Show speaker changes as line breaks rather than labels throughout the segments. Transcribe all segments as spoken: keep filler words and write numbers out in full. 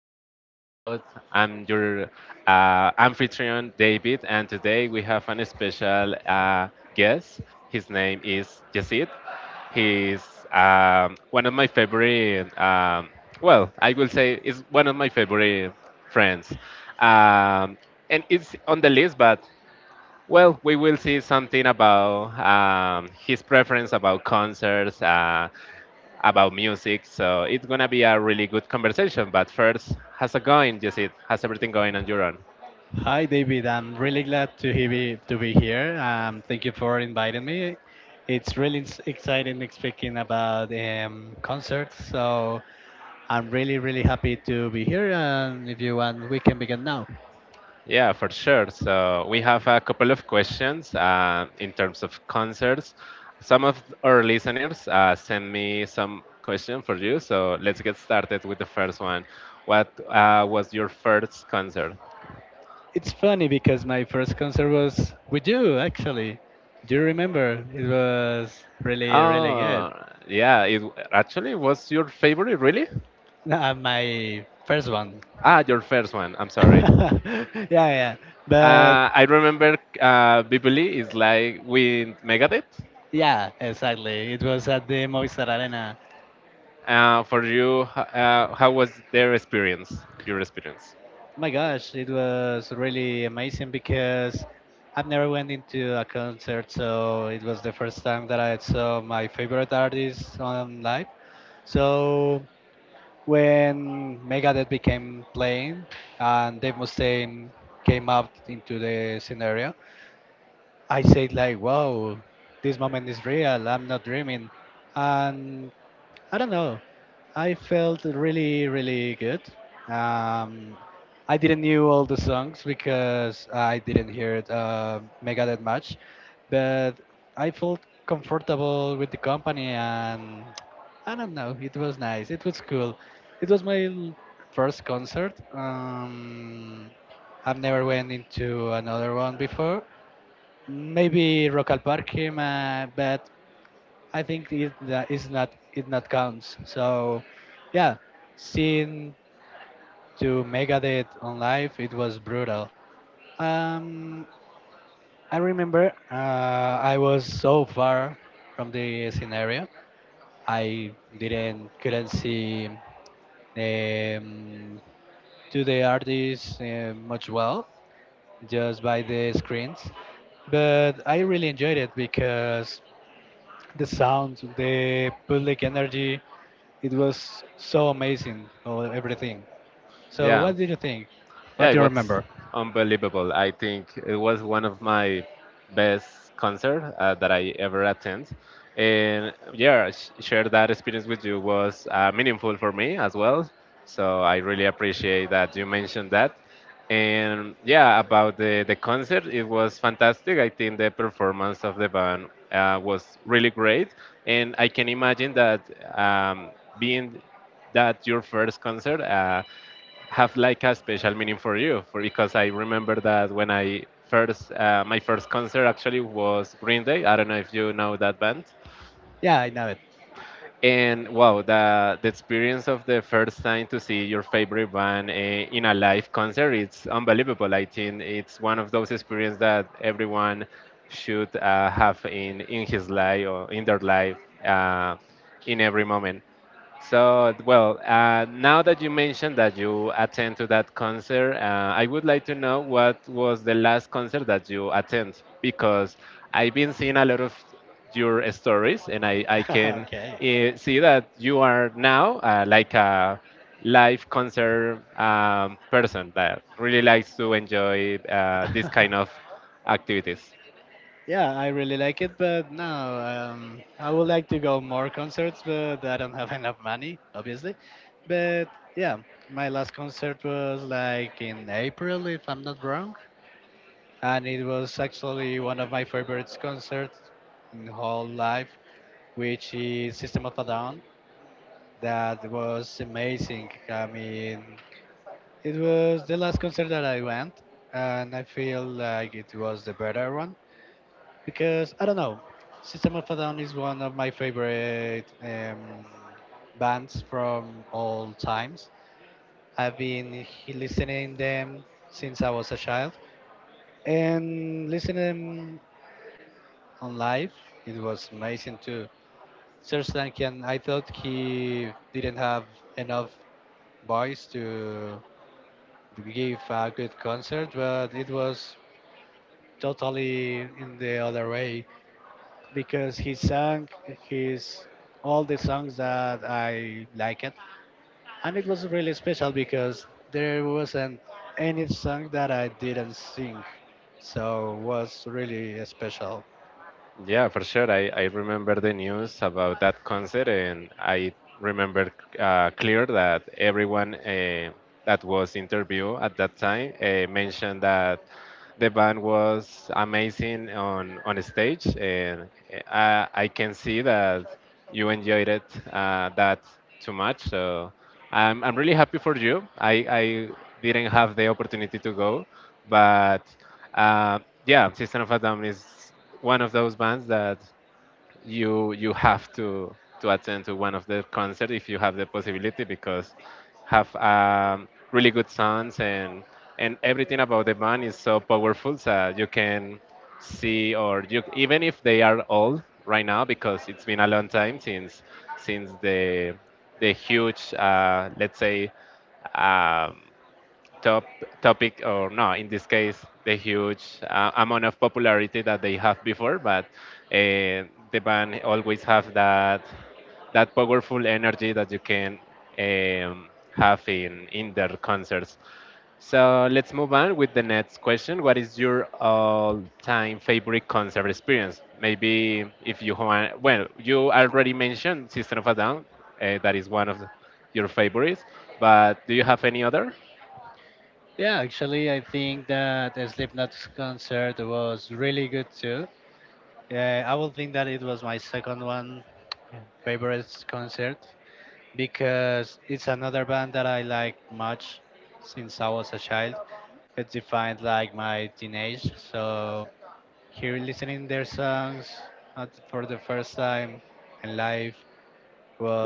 Thinking Aloud. I'm your uh, Amphitryon David, and today we have an special uh, guest. His name is Yesid. He's um, one of my favorite, um, well, I will say, is one of my favorite friends. Um, and it's on the list, but well, we will see something about um, his preference about concerts, uh, about music. So it's gonna be a really good conversation. But first, how's it going, Jesse? How's everything going on your end?
Hi, David. I'm really glad to be to be here. Um, thank you for inviting me. It's really s- exciting speaking about um, concerts, so I'm really really happy to be here. And if you want, we can begin now.
Yeah, for sure. So we have a couple of questions uh, in terms of concerts. Some of our listeners uh, sent me some question for you. So let's get started with the first one. What uh, was your first concert?
It's funny because my first concert was with you, actually. Do you remember? It was really really good.
Oh, yeah. It w- actually was your favorite, really?
Uh, my first one.
Ah, your first one. I'm sorry.
Yeah, yeah. But
Uh, I remember uh, Bibli is like with Megadeth.
yeah, exactly. It was at the Movistar Arena.
Uh, for you, h- uh, how was their experience? Your experience?
Oh my gosh, it was really amazing because I've never went into a concert, so it was the first time that I saw my favorite artist on live. So when Megadeth became playing and Dave Mustaine came up into the scenario, I said like, "Wow, this moment is real. I'm not dreaming." And I don't know. I felt really, really good. Um, I didn't knew all the songs because I didn't hear it uh, Megadeth much, but I felt comfortable with the company, and I don't know. It was nice. It was cool. It was my l- first concert. Um, I've never went into another one before. Maybe Rock al Parque, ma- but I think it that is not it not counts. So yeah, seeing to Megadeth on live it was brutal. Um, I remember uh, I was so far from the scenario, I didn't couldn't see um, to the artists uh, much well just by the screens, but I really enjoyed it because the sound, the public energy. It was so amazing, all, everything. So,
Yeah.
what did you think?
Yeah,
What
it
do you
was
remember?
unbelievable. I think it was one of my best concerts uh, that I ever attend. And yeah, sh- share that experience with you was uh, meaningful for me as well. So I really appreciate that you mentioned that. And yeah, about the, the concert, it was fantastic. I think the performance of the band uh, was really great. And I can imagine that um, being that your first concert, uh, have like a special meaning for you for because I remember that when I first uh, my first concert actually was Green Day. I don't know if you know that band.
Yeah, I know it.
And wow, the the experience of the first time to see your favorite band uh, in a live concert, it's unbelievable. I think it's one of those experiences that everyone should uh, have in in his life or in their life uh, in every moment. So, well, uh, now that you mentioned that you attend to that concert, uh, I would like to know what was the last concert that you attend because I've been seeing a lot of your stories and I, I can
Okay.
uh, see that you are now uh, like a live concert um, person that really likes to enjoy uh, this kind of activities.
Yeah, I really like it, but no, um, I would like to go more concerts, but I don't have enough money, obviously. But yeah, my last concert was like in April, if I'm not wrong, and it was actually one of my favorite concerts in whole life which is System of a Down. That was amazing. I mean, it was the last concert that I went, and I feel like it was the better one because I don't know. System of a Down is one of my favorite um, bands from all times. I've been he- listening to them since I was a child, and listening on live, it was amazing too. Serstankian, I thought he didn't have enough boys to give a good concert, but it was totally in the other way because he sang his all the songs that I liked, and it was really special because there wasn't any song that I didn't sing, so was really special.
Yeah, for sure. I, I remember the news about that concert, and I remember uh, clear that everyone uh, that was interviewed at that time uh, mentioned that the band was amazing on on stage, and uh, I, I can see that you enjoyed it uh, that too much. So I'm I'm really happy for you. I I didn't have the opportunity to go, but uh, yeah, System of a Down is one of those bands that you you have to to attend to one of their concerts if you have the possibility because have um, really good songs and and everything about the band is so powerful so you can see or you even if they are old right now because it's been a long time since since the the huge uh, let's say um, top topic, or no, in this case, the huge uh, amount of popularity that they have before, but uh, the band always have that that powerful energy that you can um, have in in their concerts. So let's move on with the next question. What is your all-time favorite concert experience? Maybe if you want, well, you already mentioned System of a Down, uh, that is one of the- your favorites, but do you have any other?
Yeah, actually, I think that Slipknot's concert was really good too. Yeah, I would think that it was my second one favorite concert, because it's another band that I like much since I was a child. It defined like my teenage. So here listening their songs at, for the first time in life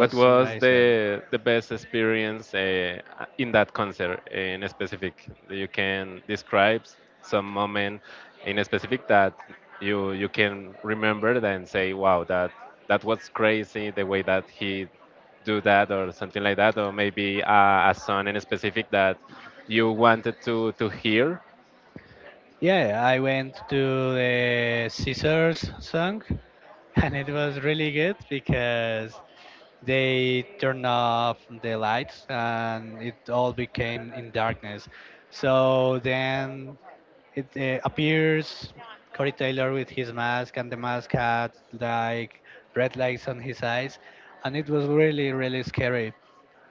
What was
amazing.
the the best experience uh, in that concert eh, in specific? You can describe some moment in specific that you you can remember it and say, "Wow, that that was crazy the way that he do that or something like that," or maybe uh, a song in specific that you wanted to to hear.
Yeah, I went to the Scissors song and it was really good because they turned off the lights and it all became in darkness. So then it uh, appears Corey Taylor with his mask, and the mask had like red lights on his eyes, and it was really, really scary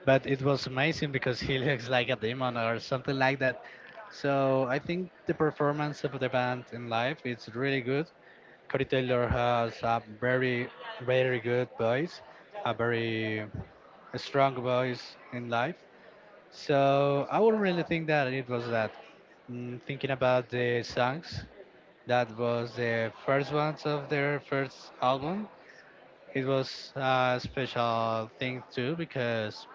but it was amazing because he looks like a demon or something like that. So I think the performance of the band in live is really good. Corey Taylor has a very, very good voice, a very strong voice in life. So I would really think that it was that. Mm, thinking about the songs, that was the first ones of their first album. It was a special thing too because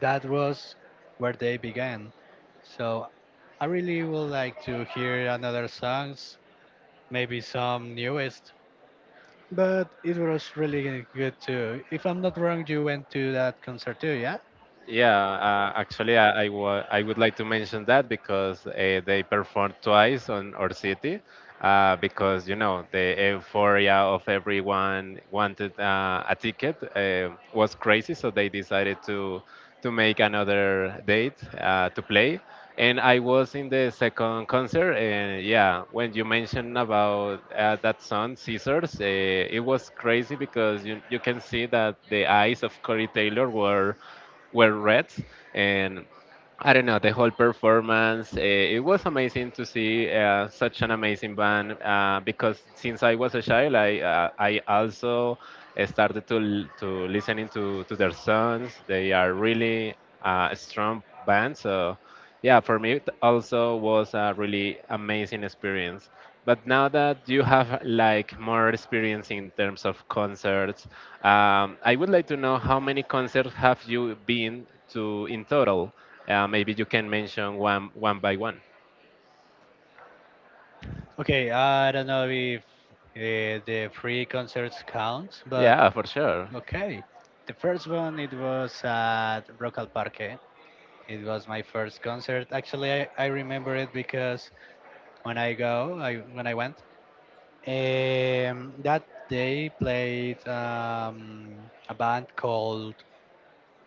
that was where they began. So I really would like to hear another songs, maybe some newest. But it was really good too. If I'm not wrong, you went to that concert too, yeah?
Yeah, uh, actually, I I wa- I would like to mention that because uh, they performed twice on our city, uh, because you know the euphoria of everyone wanted uh, a ticket uh, was crazy, so they decided to to make another date uh, to play. And I was in the second concert, and yeah, when you mentioned about uh, that song "Scissors," uh, it was crazy because you you can see that the eyes of Corey Taylor were were read and I don't know the whole performance. Uh, it was amazing to see uh, such an amazing band uh, because since I was a child, I uh, I also started to l- to listening to to their songs. They are really uh, a strong band, so. Yeah, for me it also was a really amazing experience. But now that you have like more experience in terms of concerts, um, I would like to know how many concerts have you been to in total? Uh, maybe you can mention one one by one.
Okay, I don't know if uh, the free concerts count,
Yeah,
but
for sure.
okay. The first one it was at Rock al Parque. It was my first concert. Actually, I, I remember it because when I go, I when I went, Um, that they played um, a band called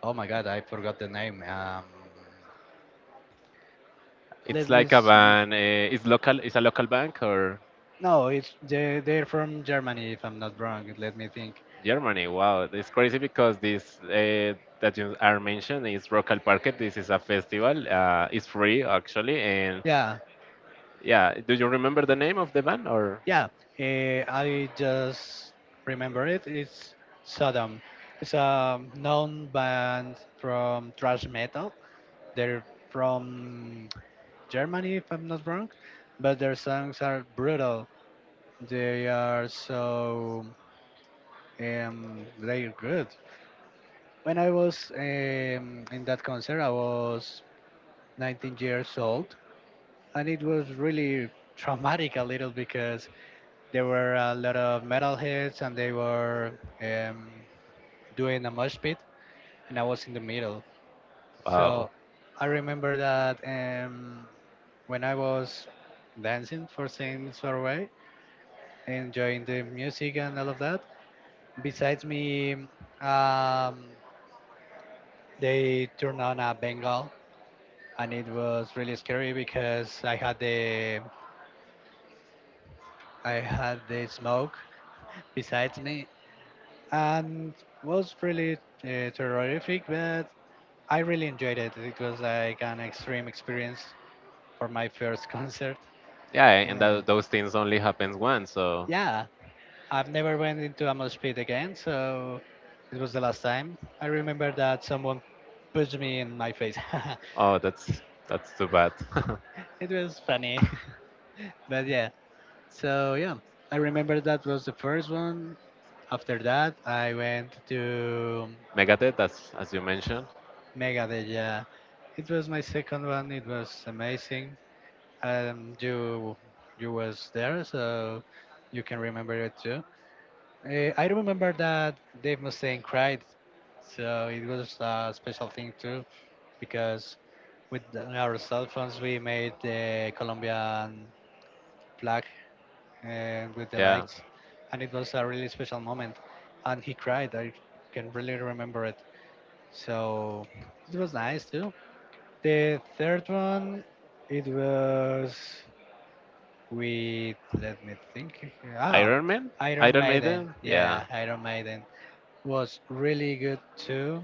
oh my god, I forgot the name. Um,
It's
let me
like a
see.
band. Uh, it's local. It's a local bank or
No, it's they, they're from Germany if I'm not wrong. Let me think.
Germany. Wow, it's crazy because this uh, that you are mentioned is Rock al Parque. This is a festival. Uh, it's free actually, and
Yeah,
yeah, do you remember the name of the band or
yeah. eh, I just remember it. It's Sodom. It's a known band from thrash metal. They're from Germany if I'm not wrong, but their songs are brutal. They are so um, they're good. When I was um, in that concert, I was nineteen years old, and it was really traumatic a little because there were a lot of metalheads and they were um, doing a mosh pit, and I was in the middle.
oh
So I remember that um, when I was dancing for Saints Away, enjoying the music and all of that, besides me, um, they turned on a Bengal, and it was really scary because I had the I had the smoke besides me, and was really uh, terrific. But I really enjoyed it. It was like an extreme experience for my first concert.
yeah and tho-
And
those things only happens once so
yeah, I've never went into a mosh pit again, so it was the last time. I remember that someone pushed me in my face.
oh that's that's too bad.
It was funny. But yeah, so yeah, I remember that was the first one. After that, I went to
megadeth, that's as you mentioned,
Megadeth. Yeah, it was my second one. It was amazing. Um, you you was there, so you can remember it too. Uh, I remember that Dave Mustaine cried, so it was a special thing too because with the- our cell phones we made the Colombian flag uh, with the
yeah,
lights, and it was a really special moment. And he cried. I can really remember it. So it was nice too. The third one, it was with let me think. Ah,
iron man,
Iron
iron
Maiden.
maiden,
Yeah,
yeah,
Iron Maiden was really good too.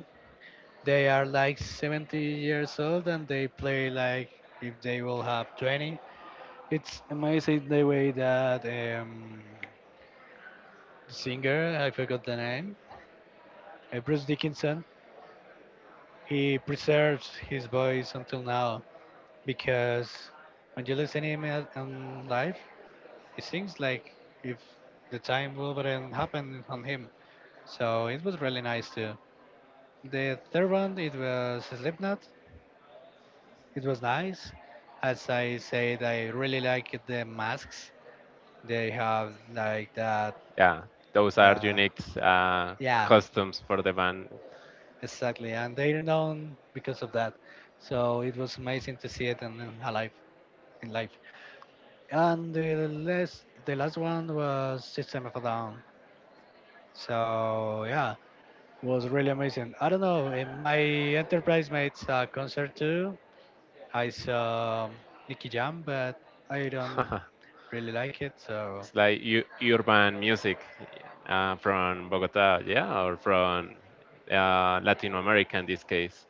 They are like seventy years old and they play like if they will have twenty. It's amazing the way that um, singer, I forgot the name, uh, Bruce Dickinson, he preserves his voice until now because when you listen to him at- on live, he sings like if the time wouldn't happen on him. So it was really nice too. The third one, it was Slipknot. It was nice. As I said, I really like the masks. They have like that,
yeah those are
uh,
unique uh,
yeah,
customs for the band.
exactly, and they're known because of that. So it was amazing to see it in, in alive in life. And the last the last one was System of a Down. So yeah, it was really amazing. I don't know. In my enterprise mates uh, concert too, I saw Nicky Jam, but I don't really like it. So
it's like u- urban music uh, from Bogota, yeah, or from uh, Latin America in this case,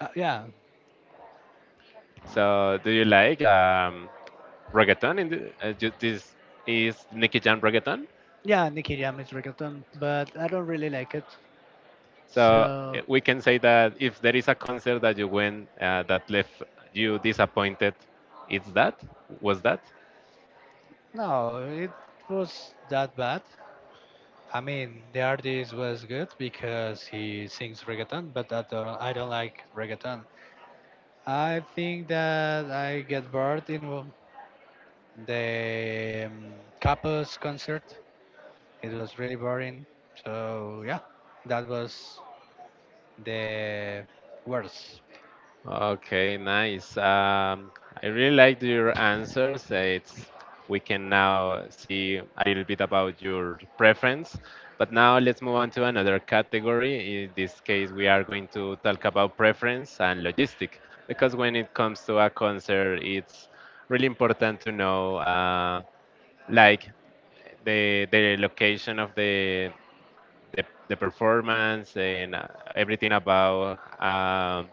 uh, yeah,
so do you like um, reggaeton in the, uh, ju- this is Nicky Jam reggaeton.
yeah, Nicky Jam is reggaeton, but I don't really like it.
So eh,
So
we can say that if there is a concert that you went uh, that left you disappointed, it's that was that.
no, it was that bad. I mean, the artist was good because he sings reggaeton, but I don't, I don't like reggaeton. I think that I get bored in w- the um, Capos concert. It was really boring. So yeah, that was the worst.
Okay, nice. Um, I really liked your answers. Uh, It's we can now see a little bit about your preference. But now let's move on to another category. In this case, we are going to talk about preference and logistic because when it comes to a concert, it's really important to know uh, like the the location of the the, the performance and uh, everything about um,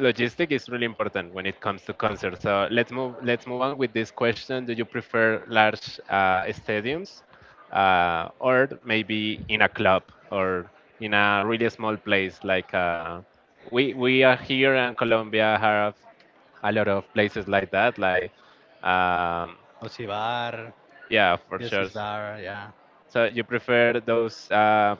logistic is really important when it comes to concerts. So let's move let's move on with this question. Do you prefer large uh, stadiums, uh, or maybe in a club or in a really small place? Like uh, we we are here in Colombia have a lot of places like that. Like um,
Osibar,
yeah, for
this
sure.
is bar, yeah.
So you prefer those uh,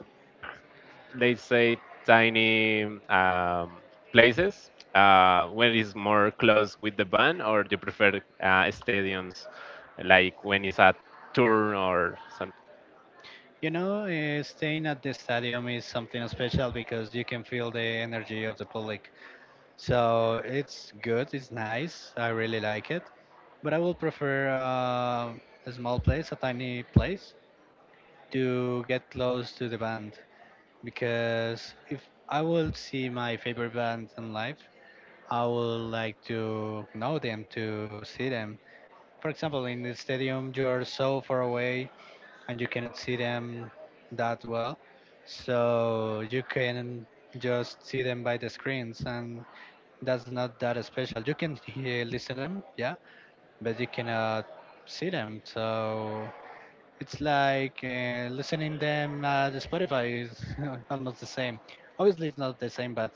they say tiny um, places uh, when it's more close with the band, or do you prefer uh, stadiums like when it's a tour or something?
You know, uh, staying at the stadium is something special because you can feel the energy of the public. So it's good, it's nice. I really like it. But I will prefer uh, a small place, a tiny place, to get close to the band. Because if I will see my favorite band in live, I would like to know them, to see them. For example, in the stadium, you're so far away and you cannot see them that well. So you can just see them by the screens and that's not that special. You can hear, listen them, yeah, but you cannot see them. So it's like uh, listening them at Spotify is almost the same. Obviously, it's not the same, but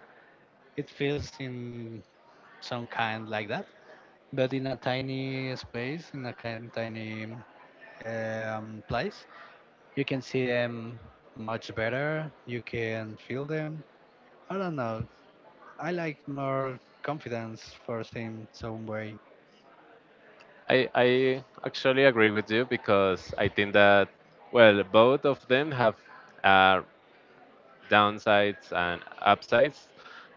it feels in some kind like that. But in a tiny space, in a kind tiny um, place, you can see them much better. You can feel them. I don't know. I like more confidence for seeing some way.
I, I actually agree with you because I think that, well, both of them have uh, downsides and upsides.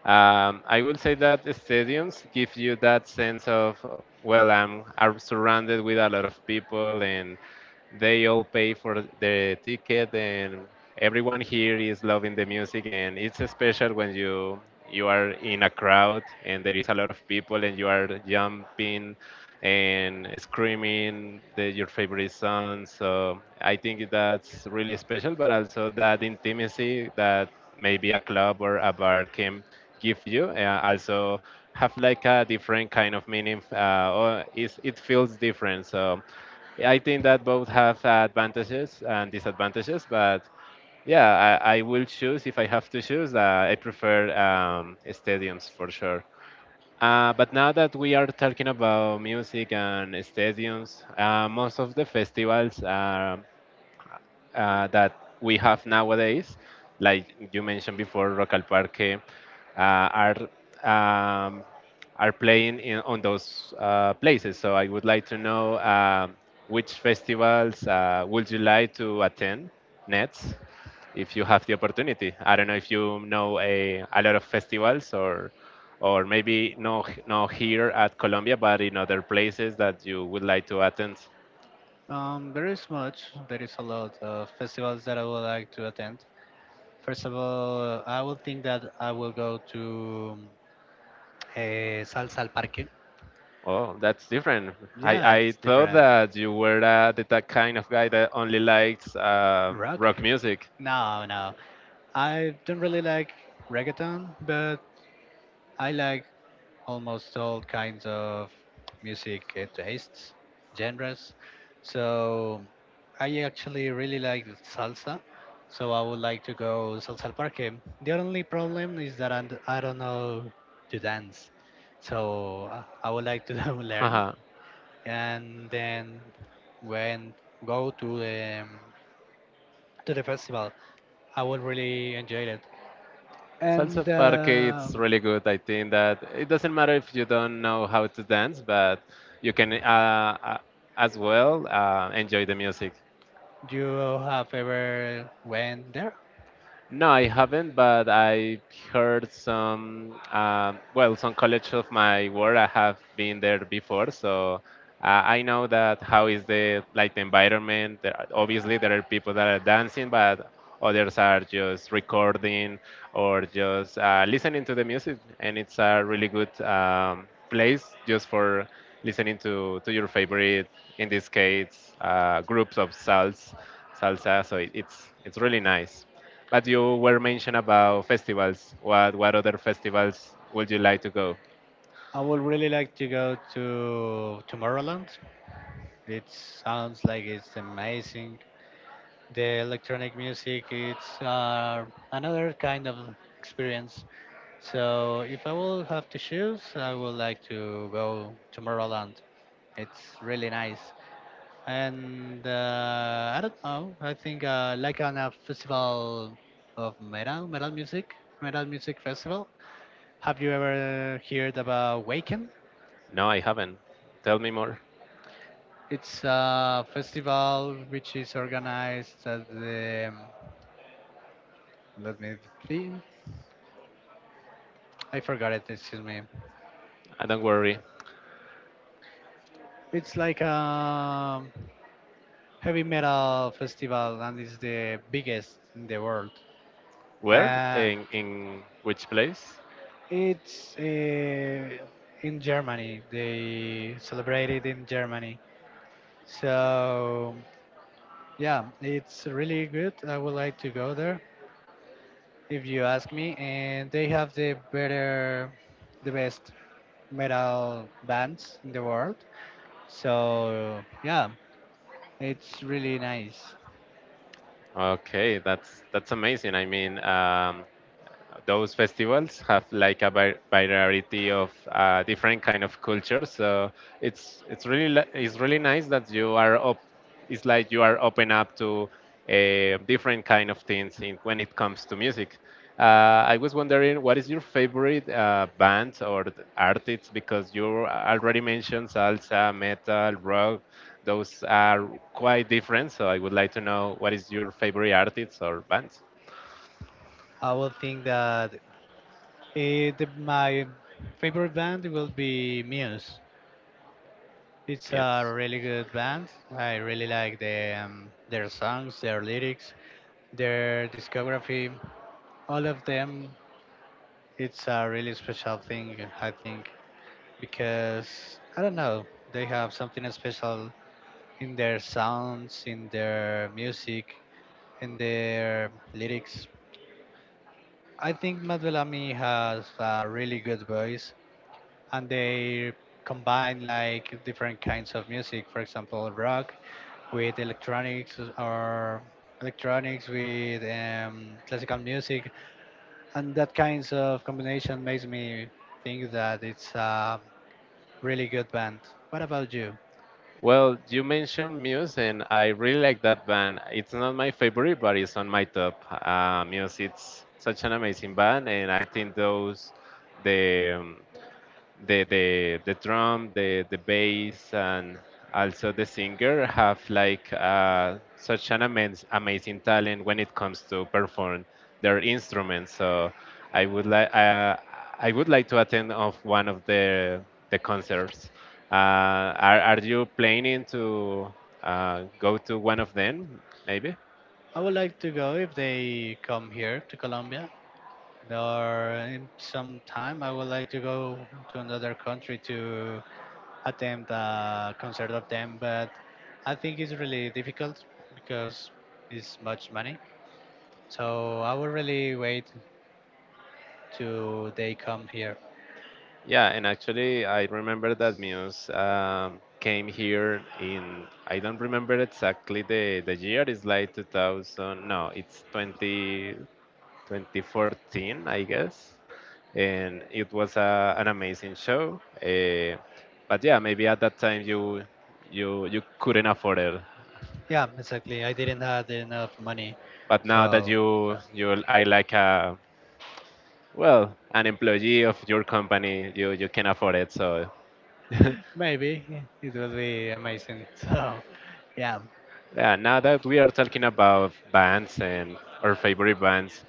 Um, I will say that the stadiums give you that sense of, uh, well, I'm, I'm surrounded with a lot of people and they all pay for the ticket and everyone here is loving the music and it's special when you you are in a crowd and there is a lot of people and you are jumping and screaming the, your favorite song. So I think that's really special, but also that intimacy that maybe a club or a bar can give you uh, also have like a different kind of meaning uh, or is, it feels different. So I think that both have advantages and disadvantages, but yeah, I, I will choose if I have to choose. Uh, I prefer um, stadiums for sure. Uh, but now that we are talking about music and stadiums, uh, most of the festivals are uh, that we have nowadays, like you mentioned before, Rock Parque, uh, are um, are playing in, on those uh, places. So I would like to know um which festivals uh, would you like to attend next, if you have the opportunity. I don't know if you know a, a lot of festivals or or maybe no no here at Colombia, but in other places that you would like to attend.
Um, there is much. There is a lot of festivals that I would like to attend. First of all, I would think that I will go to um, eh, Salsa al Parque.
Oh, that's different. I,
Yeah,
I
it's
thought
different.
that you were uh, the that kind of guy that only likes um
Rock?
rock music.
No, no. I don't really like reggaeton, but I like almost all kinds of music uh, tastes, genres. So I actually really like salsa. So I would like to go salsa al parque. The only problem is that I'm, I do not know to dance. So uh, I would like to learn
Haha.
and then when go to the to the festival, I would really enjoy it.
Salsa
And
parque, it's
um,
really good. I think that it doesn't matter if you don't know how to dance, but you can uh, uh, as well uh, enjoy the music.
you have ever went there?
No, I haven't, but I heard some, um, well, some colleagues of my work. I have been there before, so uh, I know that how is the like the environment. There are, obviously, there are people that are dancing, but others are just recording or just uh, listening to the music, and it's a really good um, place just for listening to to your favorite, in this case, uh, groups of salsa, salsa. So it, it's it's really nice. But you were mentioned about festivals. What what other festivals would you like to go?
I would really like to go to Tomorrowland. It sounds like it's amazing. The electronic music, it's uh, another kind of experience. So if I will have to choose, I would like to go to Tomorrowland. It's really nice. And uh, I don't know. I think uh, like on a festival of metal, metal music, metal music festival. Have you ever heard about Wacken?
No, I haven't. Tell me more.
It's a festival which is organized at the. Let me think. I forgot it. Excuse me.
I don't worry.
It's like a heavy metal festival, and it's the biggest in the world.
Where
Uh,
in in which place?
It's uh, in Germany. They celebrate it in Germany. So, yeah, it's really good. I would like to go there if you ask me. And they have the better, the best metal bands in the world. So, yeah, it's really nice.
Okay, that's that's amazing. I mean, um, those festivals have like a vi- variety of uh, different kind of cultures. So it's it's really li- it's really nice that you are up. It's like you are open up to uh, different kind of things in, when it comes to music. Uh, I was wondering what is your favorite uh, band or th- artist, because you already mentioned salsa, metal, rock. Those are quite different. So I would like to know what is your favorite artist or band.
I would think that eh, the, my favorite band will be Muse. It's a
Yes.
really good band. I really like the, um, their songs, their lyrics, their discography. All of them, it's a really special thing, I think, because I don't know, they have something special in their sounds, in their music, in their lyrics. I think Matt Bellamy has a really good voice, and they combine like different kinds of music, for example, rock with electronics, or electronics with um, classical music, and that kinds of combination makes me think that it's a really good band. What about you?
Well, you mentioned Muse, and I really like that band. It's not my favorite, but it's on my top. Uh, Muse, it's such an amazing band, and I think those the um, the the the drum, the the bass, and also the singer have like uh, such an amaz- amazing talent when it comes to perform their instruments. So I would like uh, I would like to attend of one of the the concerts. Uh, are are you planning to uh, go to one of them? Maybe.
I would like to go if they come here to Colombia, or in some time I would like to go to another country to attempt a concert of them, but I think it's really difficult because it's much money. So I will really wait till they come here.
Yeah, and actually, I remember that Muse um, came here in, I don't remember exactly the, the year, it's like two thousand, no, it's twenty, twenty fourteen, I guess. And it was a, an amazing show. Uh, but yeah, maybe at that time you you you couldn't afford it.
Yeah, exactly. I didn't have enough money,
But now that
so uh,
you you are like a well an employee of your company, you you can afford it. So
maybe it will be amazing. So yeah,
Yeah, now that we are talking about bands and our favorite bands,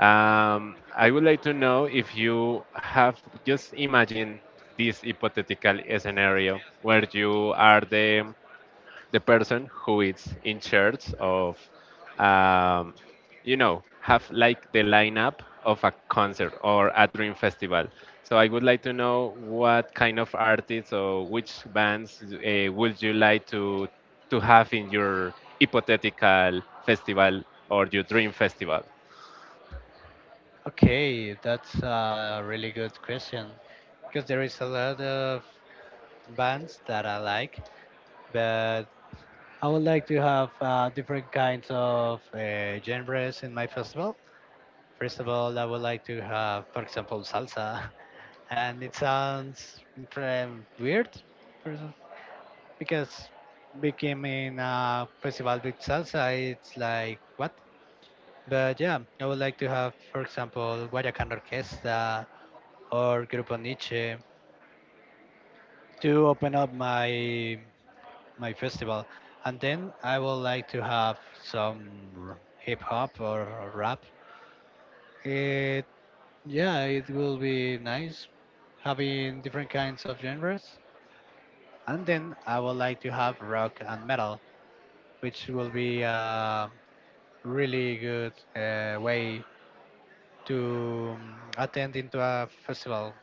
um, I would like to know if you have, just imagine this hypothetical scenario where you are the the person who is in charge of, um, you know, have like the lineup of a concert or a dream festival. So I would like to know what kind of artists or which bands uh, would you like to to have in your hypothetical festival or your dream festival.
okay, that's a really good question because there is a lot of bands that I like, but I would like to have uh, different kinds of uh, genres in my festival. First of all, I would like to have, for example, salsa, and it sounds um, weird for some- because becoming a festival with salsa, it's like what? But yeah, I would like to have, for example, Guayacan Orquesta or Grupo Nietzsche to open up my my festival. And then I would like to have some r- hip hop or rap. It, yeah, it will be nice having different kinds of genres. And then I would like to have rock and metal, which will be a really good uh, way to um, attend into a festival.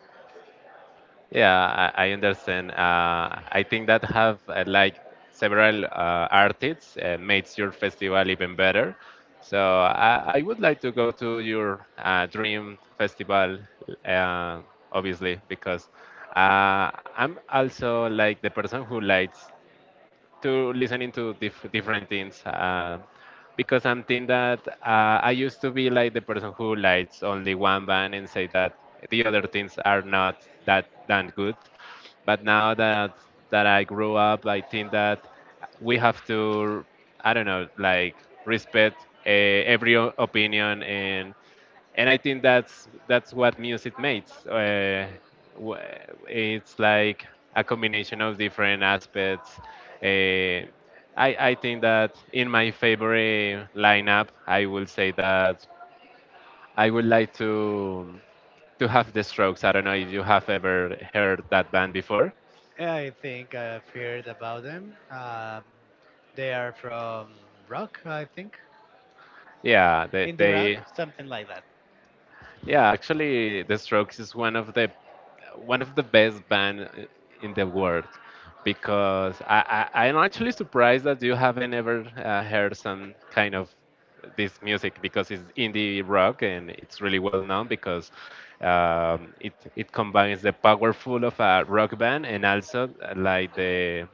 Yeah, I, I understand. Uh, I think that have uh, like several uh, artists uh, makes your festival even better. So I, I would like to go to your uh, dream festival, uh, obviously, because uh, I'm also like the person who likes to listening to diff- different things uh, because I'm think that uh, I used to be like the person who likes only one band and say that the other things are not that that good. But now that that I grew up, I think that we have to, I don't know, like respect uh, every o- opinion, and and I think that's that's what music makes. Uh, wh- it's like a combination of different aspects. Uh, I I think that in my favorite lineup, I will say that I would like to to have the Strokes. I don't know if you have ever heard that band before.
Yeah, I think I've heard about them. Um, they are from rock, I think.
Yeah, they
In the
they
rock, something like that.
Yeah, actually, The Strokes is one of the one of the best band i- in the world, because I, I I'm actually surprised that you haven't ever uh, heard some kind of this music, because it's indie rock and it's really well known because um, it it combines the powerful of a rock band and also uh, like the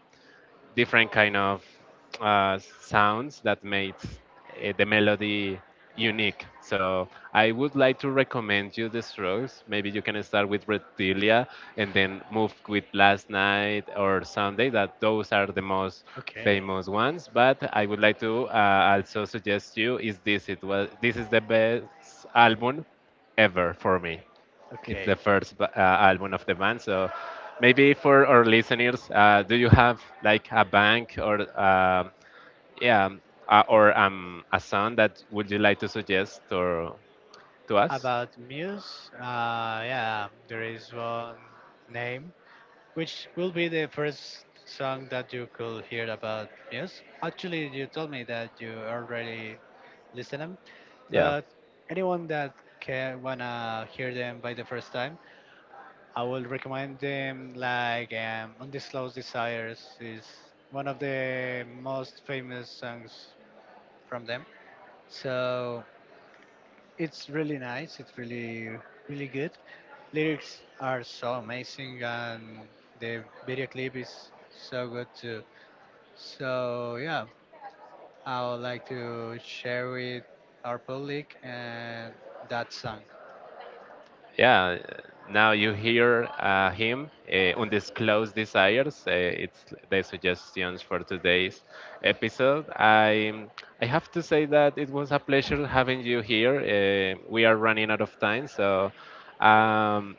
different kind of uh, sounds that made uh, the melody unique. So I would like to recommend you the Strokes. Maybe you can start with Reptilia and then move with Last Night or Sunday. That those are the most
Okay,
famous ones. But I would like to uh, also suggest you is this. It was, this is the best album ever for me. It's the
okay.
first ba- uh, album of the band. So maybe for our listeners, uh, do you have like a band or uh, yeah, um, uh, or um, a song that would you like to suggest or to us?
About Muse, uh, yeah, there is one name, which will be the first song that you could hear about Muse. Actually, you told me that you already listen them,
Yeah,
but anyone that can wanna hear them by the first time, I will recommend them. Like um, "Undisclosed Desires" is one of the most famous songs from them. So it's really nice. It's really, really good. Lyrics are so amazing, and the video clip is so good too. So yeah, I would like to share with our public and that song.
yeah. uh, Now you hear uh, him, uh, "Undisclosed Desires." Uh, it's the suggestions for today's episode. I I have to say that it was a pleasure having you here. Uh, we are running out of time, so um,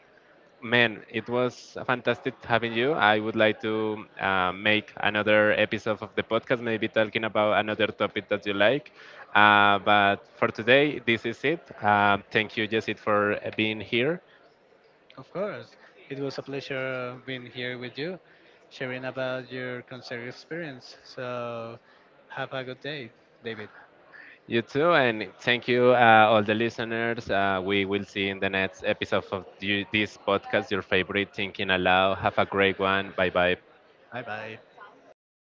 man, it was fantastic having you. I would like to uh, make another episode of the podcast, maybe talking about another topic that you like. Uh, but for today, this is it. Um, thank you, Jesse, for being here.
Of course, it was a pleasure being here with you, sharing about your concert experience. So have a good day, David.
You too, and thank you, uh, all the listeners. Uh, we will see in the next episode of you, this podcast, your favorite Thinking Aloud. Have a great one. Bye bye.
Bye bye.